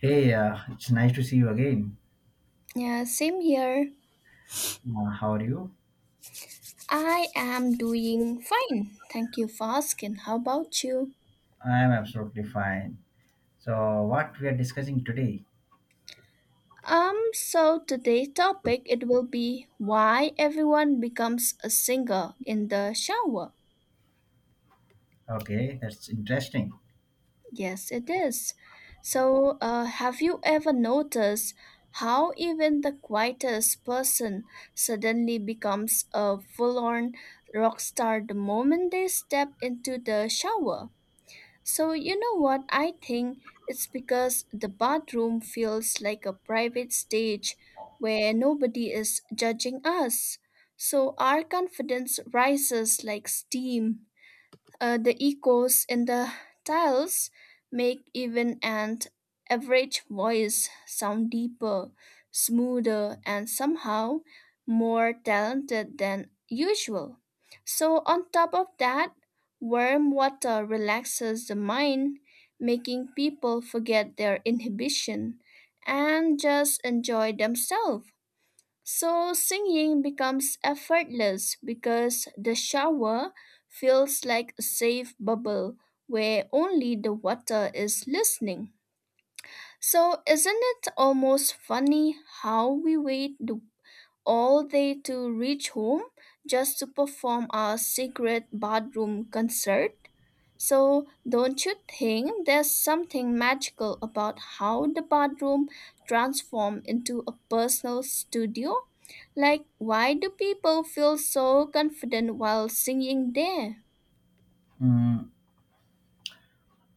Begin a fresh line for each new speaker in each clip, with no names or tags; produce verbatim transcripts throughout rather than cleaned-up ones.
Hey, uh, it's nice to see you again.
Yeah, same here.
Uh, how are you?
I am doing fine. Thank you for asking. How about you?
I'm absolutely fine. So, what we are discussing today?
Um, so today's topic it will be why everyone becomes a singer in the shower.
Okay, that's interesting.
Yes, it is. So, uh, have you ever noticed how even the quietest person suddenly becomes a full-on rock star the moment they step into the shower? So, you know what? I think it's because the bathroom feels like a private stage where nobody is judging us. So, our confidence rises like steam. Uh, the echoes in the tiles make even an average voice sound deeper, smoother, and somehow more talented than usual. So, on top of that, warm water relaxes the mind, making people forget their inhibition and just enjoy themselves. So singing becomes effortless because the shower feels like a safe bubble where only the water is listening. So isn't it almost funny how we wait the all day to reach home just to perform a secret bathroom concert. So, don't you think there's something magical about how the bathroom transforms into a personal studio? Like, why do people feel so confident while singing there?
Hmm,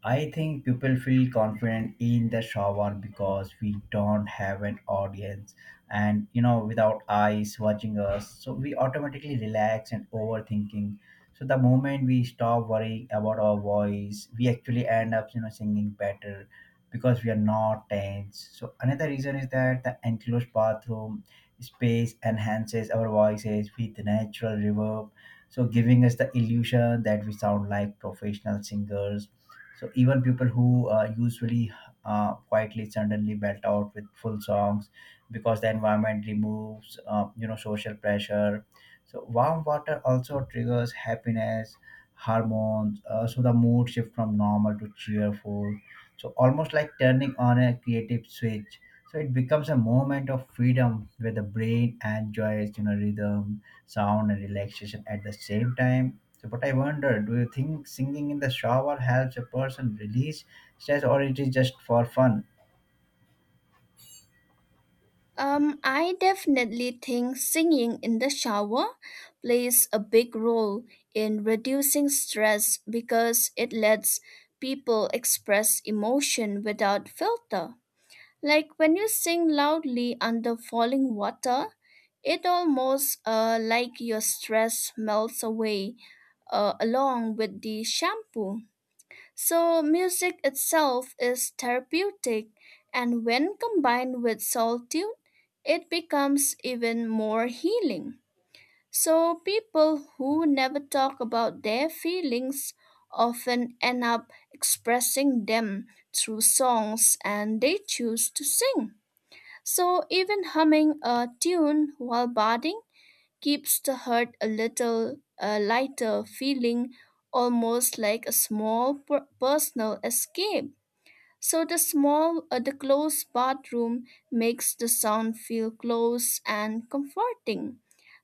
I think people feel confident in the shower because we don't have an audience, and you know, without eyes watching us, so we automatically relax and overthinking. So the moment we stop worrying about our voice, we actually end up, you know, singing better because we are not tense. So another reason is that the enclosed bathroom space enhances our voices with natural reverb, so giving us the illusion that we sound like professional singers. So even people who uh, usually uh, quietly suddenly belt out with full songs because the environment removes, uh, you know, social pressure. So warm water also triggers happiness hormones. Uh, so the mood shift from normal to cheerful. So almost like turning on a creative switch. So it becomes a moment of freedom where the brain enjoys, you know, rhythm, sound, and relaxation at the same time. So, but I wonder, do you think singing in the shower helps a person release stress, or it is just for fun?
Um, I definitely think singing in the shower plays a big role in reducing stress because it lets people express emotion without filter. Like when you sing loudly under falling water, it almost uh, like your stress melts away uh, along with the shampoo. So, music itself is therapeutic, and when combined with solitude, it becomes even more healing. So, people who never talk about their feelings often end up expressing them through songs and they choose to sing. So, even humming a tune while bathing keeps the heart a little uh, lighter, feeling almost like a small per- personal escape. So the small, uh, the closed bathroom makes the sound feel close and comforting,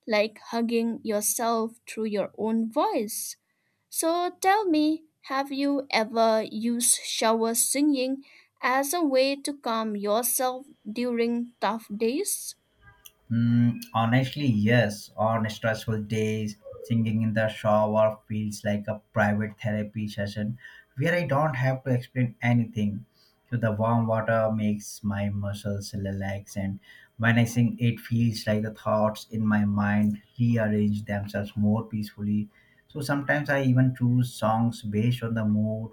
like hugging yourself through your own voice. So tell me, have you ever used shower singing as a way to calm yourself during tough days?
Hmm, honestly, yes. On stressful days, singing in the shower feels like a private therapy session where I don't have to explain anything. So the warm water makes my muscles relax, and when I sing, it feels like the thoughts in my mind rearrange themselves more peacefully. So sometimes I even choose songs based on the mood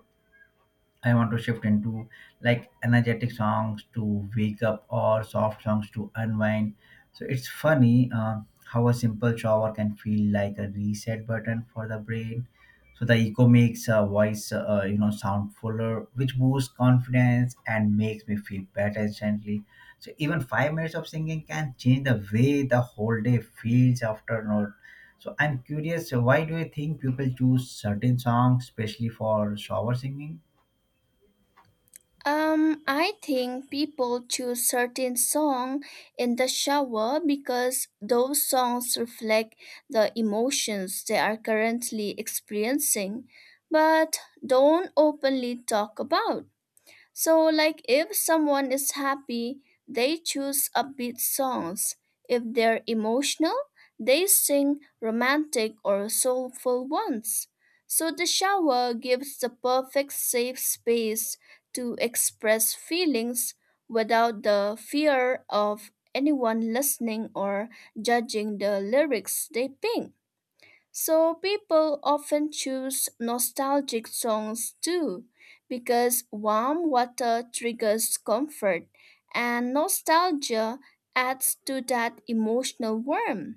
I want to shift into, like energetic songs to wake up or soft songs to unwind. So it's funny uh, how a simple shower can feel like a reset button for the brain. So the echo makes a voice, uh, you know, sound fuller, which boosts confidence and makes me feel better instantly. So even five minutes of singing can change the way the whole day feels after note. So I'm curious, why do you think people choose certain songs, especially for shower singing?
Um, I think people choose certain song in the shower because those songs reflect the emotions they are currently experiencing, but don't openly talk about. So, like if someone is happy, they choose upbeat songs. If they're emotional, they sing romantic or soulful ones. So, the shower gives the perfect safe space to express feelings without the fear of anyone listening or judging the lyrics they ping. So people often choose nostalgic songs too, because warm water triggers comfort, and nostalgia adds to that emotional warmth.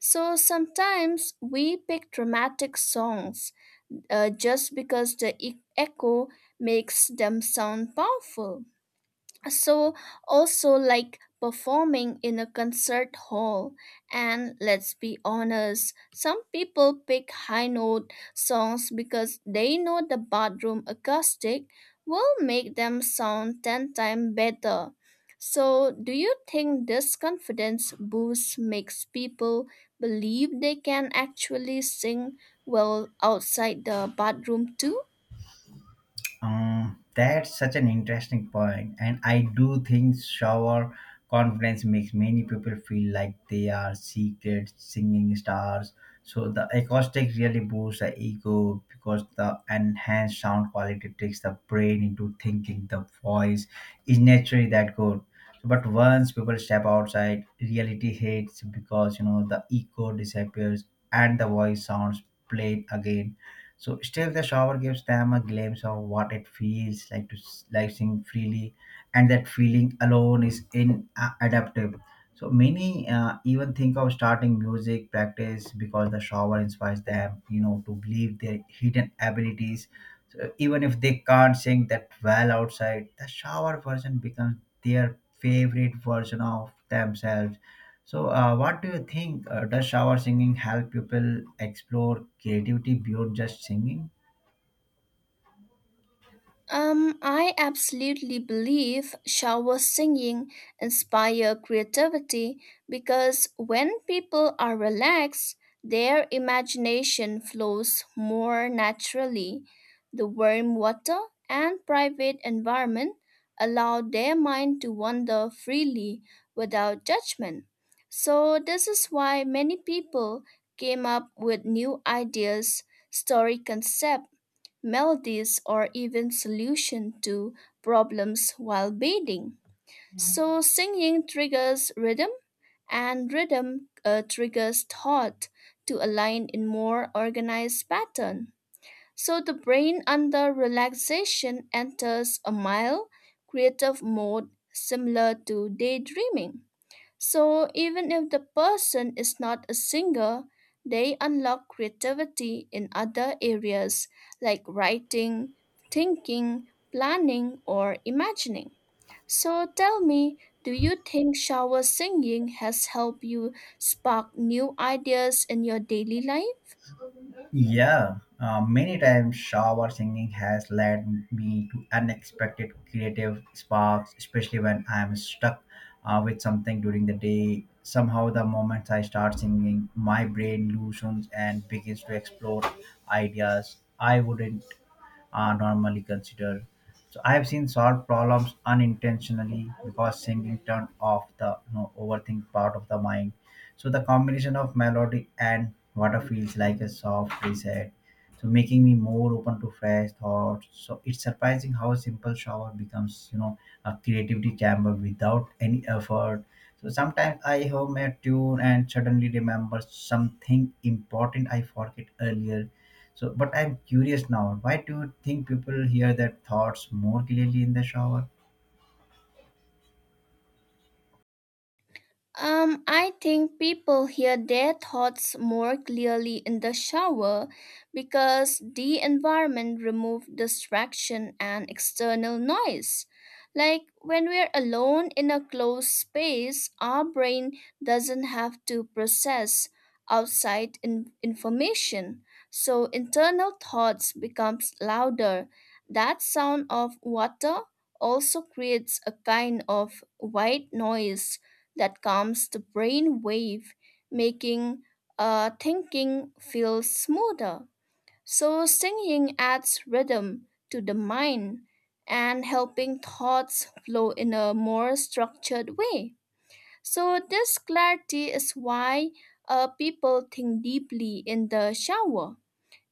So sometimes we pick dramatic songs uh, just because the e- echo makes them sound powerful, so also like performing in a concert hall, and let's be honest, some people pick high note songs because they know the bathroom acoustic will make them sound ten times better. So do you think this confidence boost makes people believe they can actually sing well outside the bathroom too?
Um, that's such an interesting point, and I do think shower confidence makes many people feel like they are secret singing stars. So the acoustic really boosts the ego because the enhanced sound quality tricks the brain into thinking the voice is naturally that good. But once people step outside, reality hits because you know the echo disappears and the voice sounds played again. So still, the shower gives them a glimpse of what it feels like to s- like sing freely, and that feeling alone is inadaptive. So many uh, even think of starting music practice because the shower inspires them, you know, to believe their hidden abilities. So even if they can't sing that well outside, the shower version becomes their favorite version of themselves. So, uh, what do you think? Uh, does shower singing help people explore creativity beyond just singing?
Um, I absolutely believe shower singing inspire creativity because when people are relaxed, their imagination flows more naturally. The warm water and private environment allow their mind to wander freely without judgment. So this is why many people came up with new ideas, story concept melodies, or even solution to problems while bathing. So, singing triggers rhythm, and rhythm uh, triggers thought to align in more organized pattern. So, the brain under relaxation enters a mild creative mode similar to daydreaming. So even if the person is not a singer, they unlock creativity in other areas like writing, thinking, planning, or imagining. So tell me, do you think shower singing has helped you spark new ideas in your daily life?
Yeah, uh, many times shower singing has led me to unexpected creative sparks, especially when I am stuck uh, with something during the day. Somehow, the moment I start singing, my brain loosens and begins to explore ideas I wouldn't are normally considered. So I have seen solve problems unintentionally because singing turned off the you know, overthink part of the mind. So the combination of melody and water feels like a soft reset. So making me more open to fresh thoughts. So it's surprising how a simple shower becomes, you know, a creativity chamber without any effort. So sometimes I hum a tune and suddenly remember something important I forget earlier. So, but I'm curious now. Why do you think people hear their thoughts more clearly in the shower?
Um, I think people hear their thoughts more clearly in the shower because the environment removes distraction and external noise. Like when we're alone in a closed space, our brain doesn't have to process outside in- information. So internal thoughts becomes louder. That sound of water also creates a kind of white noise that calms the brain wave, making uh, thinking feel smoother. So, singing adds rhythm to the mind and helping thoughts flow in a more structured way. So, this clarity is why uh, people think deeply in the shower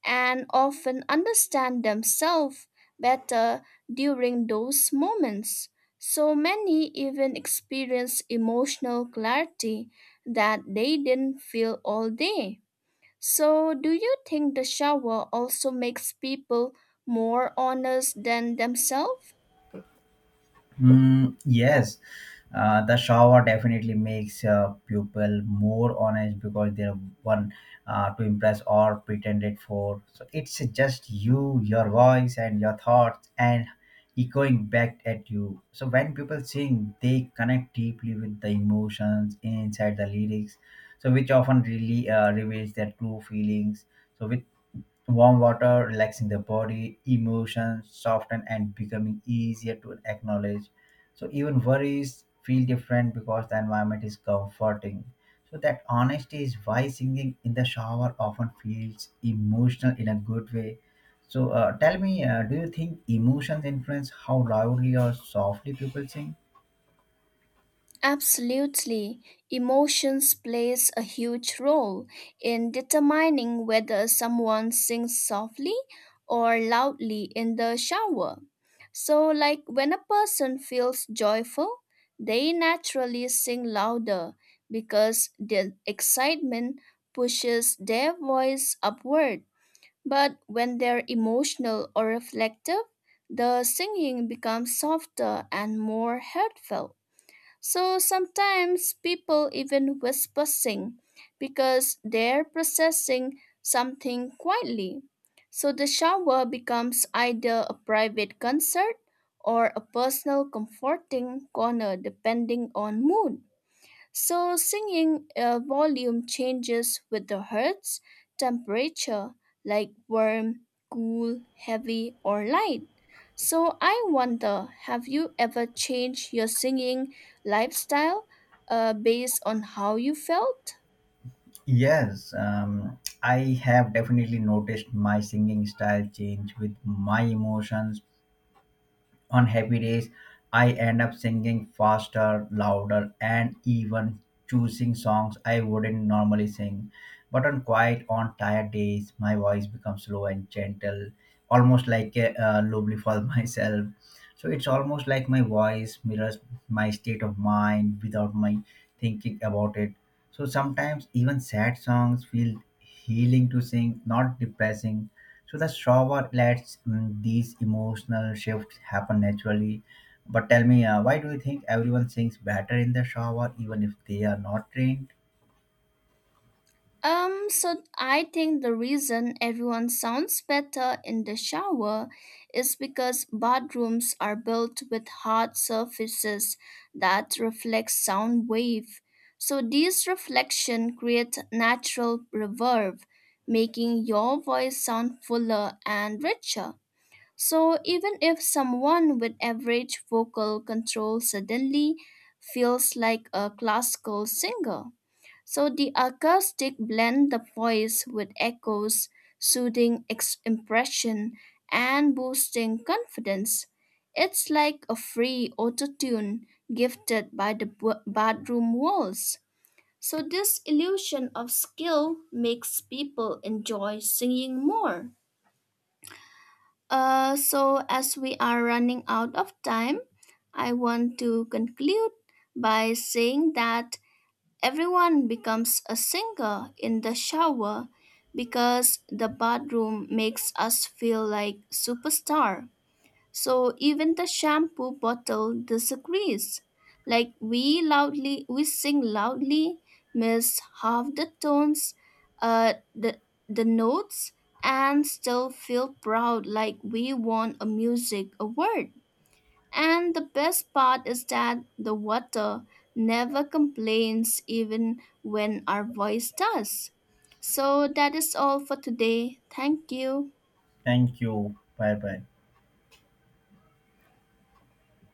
and often understand themselves better during those moments. So many even experience emotional clarity that they didn't feel all day. So, do you think the shower also makes people more honest than themselves?
Mm, yes, uh, the shower definitely makes uh, people more honest because they're one uh, to impress or pretend it for. So it's just you, your voice, and your thoughts, and echoing back at you. So when people sing, they connect deeply with the emotions inside the lyrics, so which often really uh, reveals their true feelings. So with warm water relaxing the body, emotions soften and becoming easier to acknowledge. So even worries feel different because the environment is comforting. So that honesty is why singing in the shower often feels emotional in a good way. So uh, tell me, uh, do you think emotions influence how loudly or softly people sing?
Absolutely. Emotions plays a huge role in determining whether someone sings softly or loudly in the shower. So like when a person feels joyful, they naturally sing louder because the excitement pushes their voice upward. But when they're emotional or reflective, the singing becomes softer and more heartfelt. So sometimes people even whisper sing because they're processing something quietly. So the shower becomes either a private concert or a personal comforting corner depending on mood. So singing uh, volume changes with the hertz temperature, like warm, cool, heavy, or light. So I wonder, have you ever changed your singing lifestyle uh, based on how you felt?
Yes, um, I have definitely noticed my singing style change with my emotions. On happy days, I end up singing faster, louder, and even choosing songs I wouldn't normally sing. But on quiet, on tired days, my voice becomes low and gentle, almost like a uh, lovely for myself. So it's almost like my voice mirrors my state of mind without my thinking about it. So sometimes even sad songs feel healing to sing, not depressing, so the shower lets mm, these emotional shifts happen naturally. But tell me, uh, why do you think everyone sings better in the shower, even if they are not trained?
Um, so I think the reason everyone sounds better in the shower is because bathrooms are built with hard surfaces that reflect sound wave. So these reflection create natural reverb, making your voice sound fuller and richer. So even if someone with average vocal control suddenly feels like a classical singer. So the acoustic blend the voice with echoes, soothing ex- impression and boosting confidence. It's like a free autotune gifted by the b- bathroom walls. So this illusion of skill makes people enjoy singing more. Uh, so as we are running out of time, I want to conclude by saying that everyone becomes a singer in the shower because the bathroom makes us feel like superstar. So even the shampoo bottle disagrees. Like we loudly we sing loudly, miss half the tones, uh the the notes and still feel proud like we won a music award. And the best part is that the water never complains even when our voice does. So that is all for today. Thank you.
Thank you. Bye bye.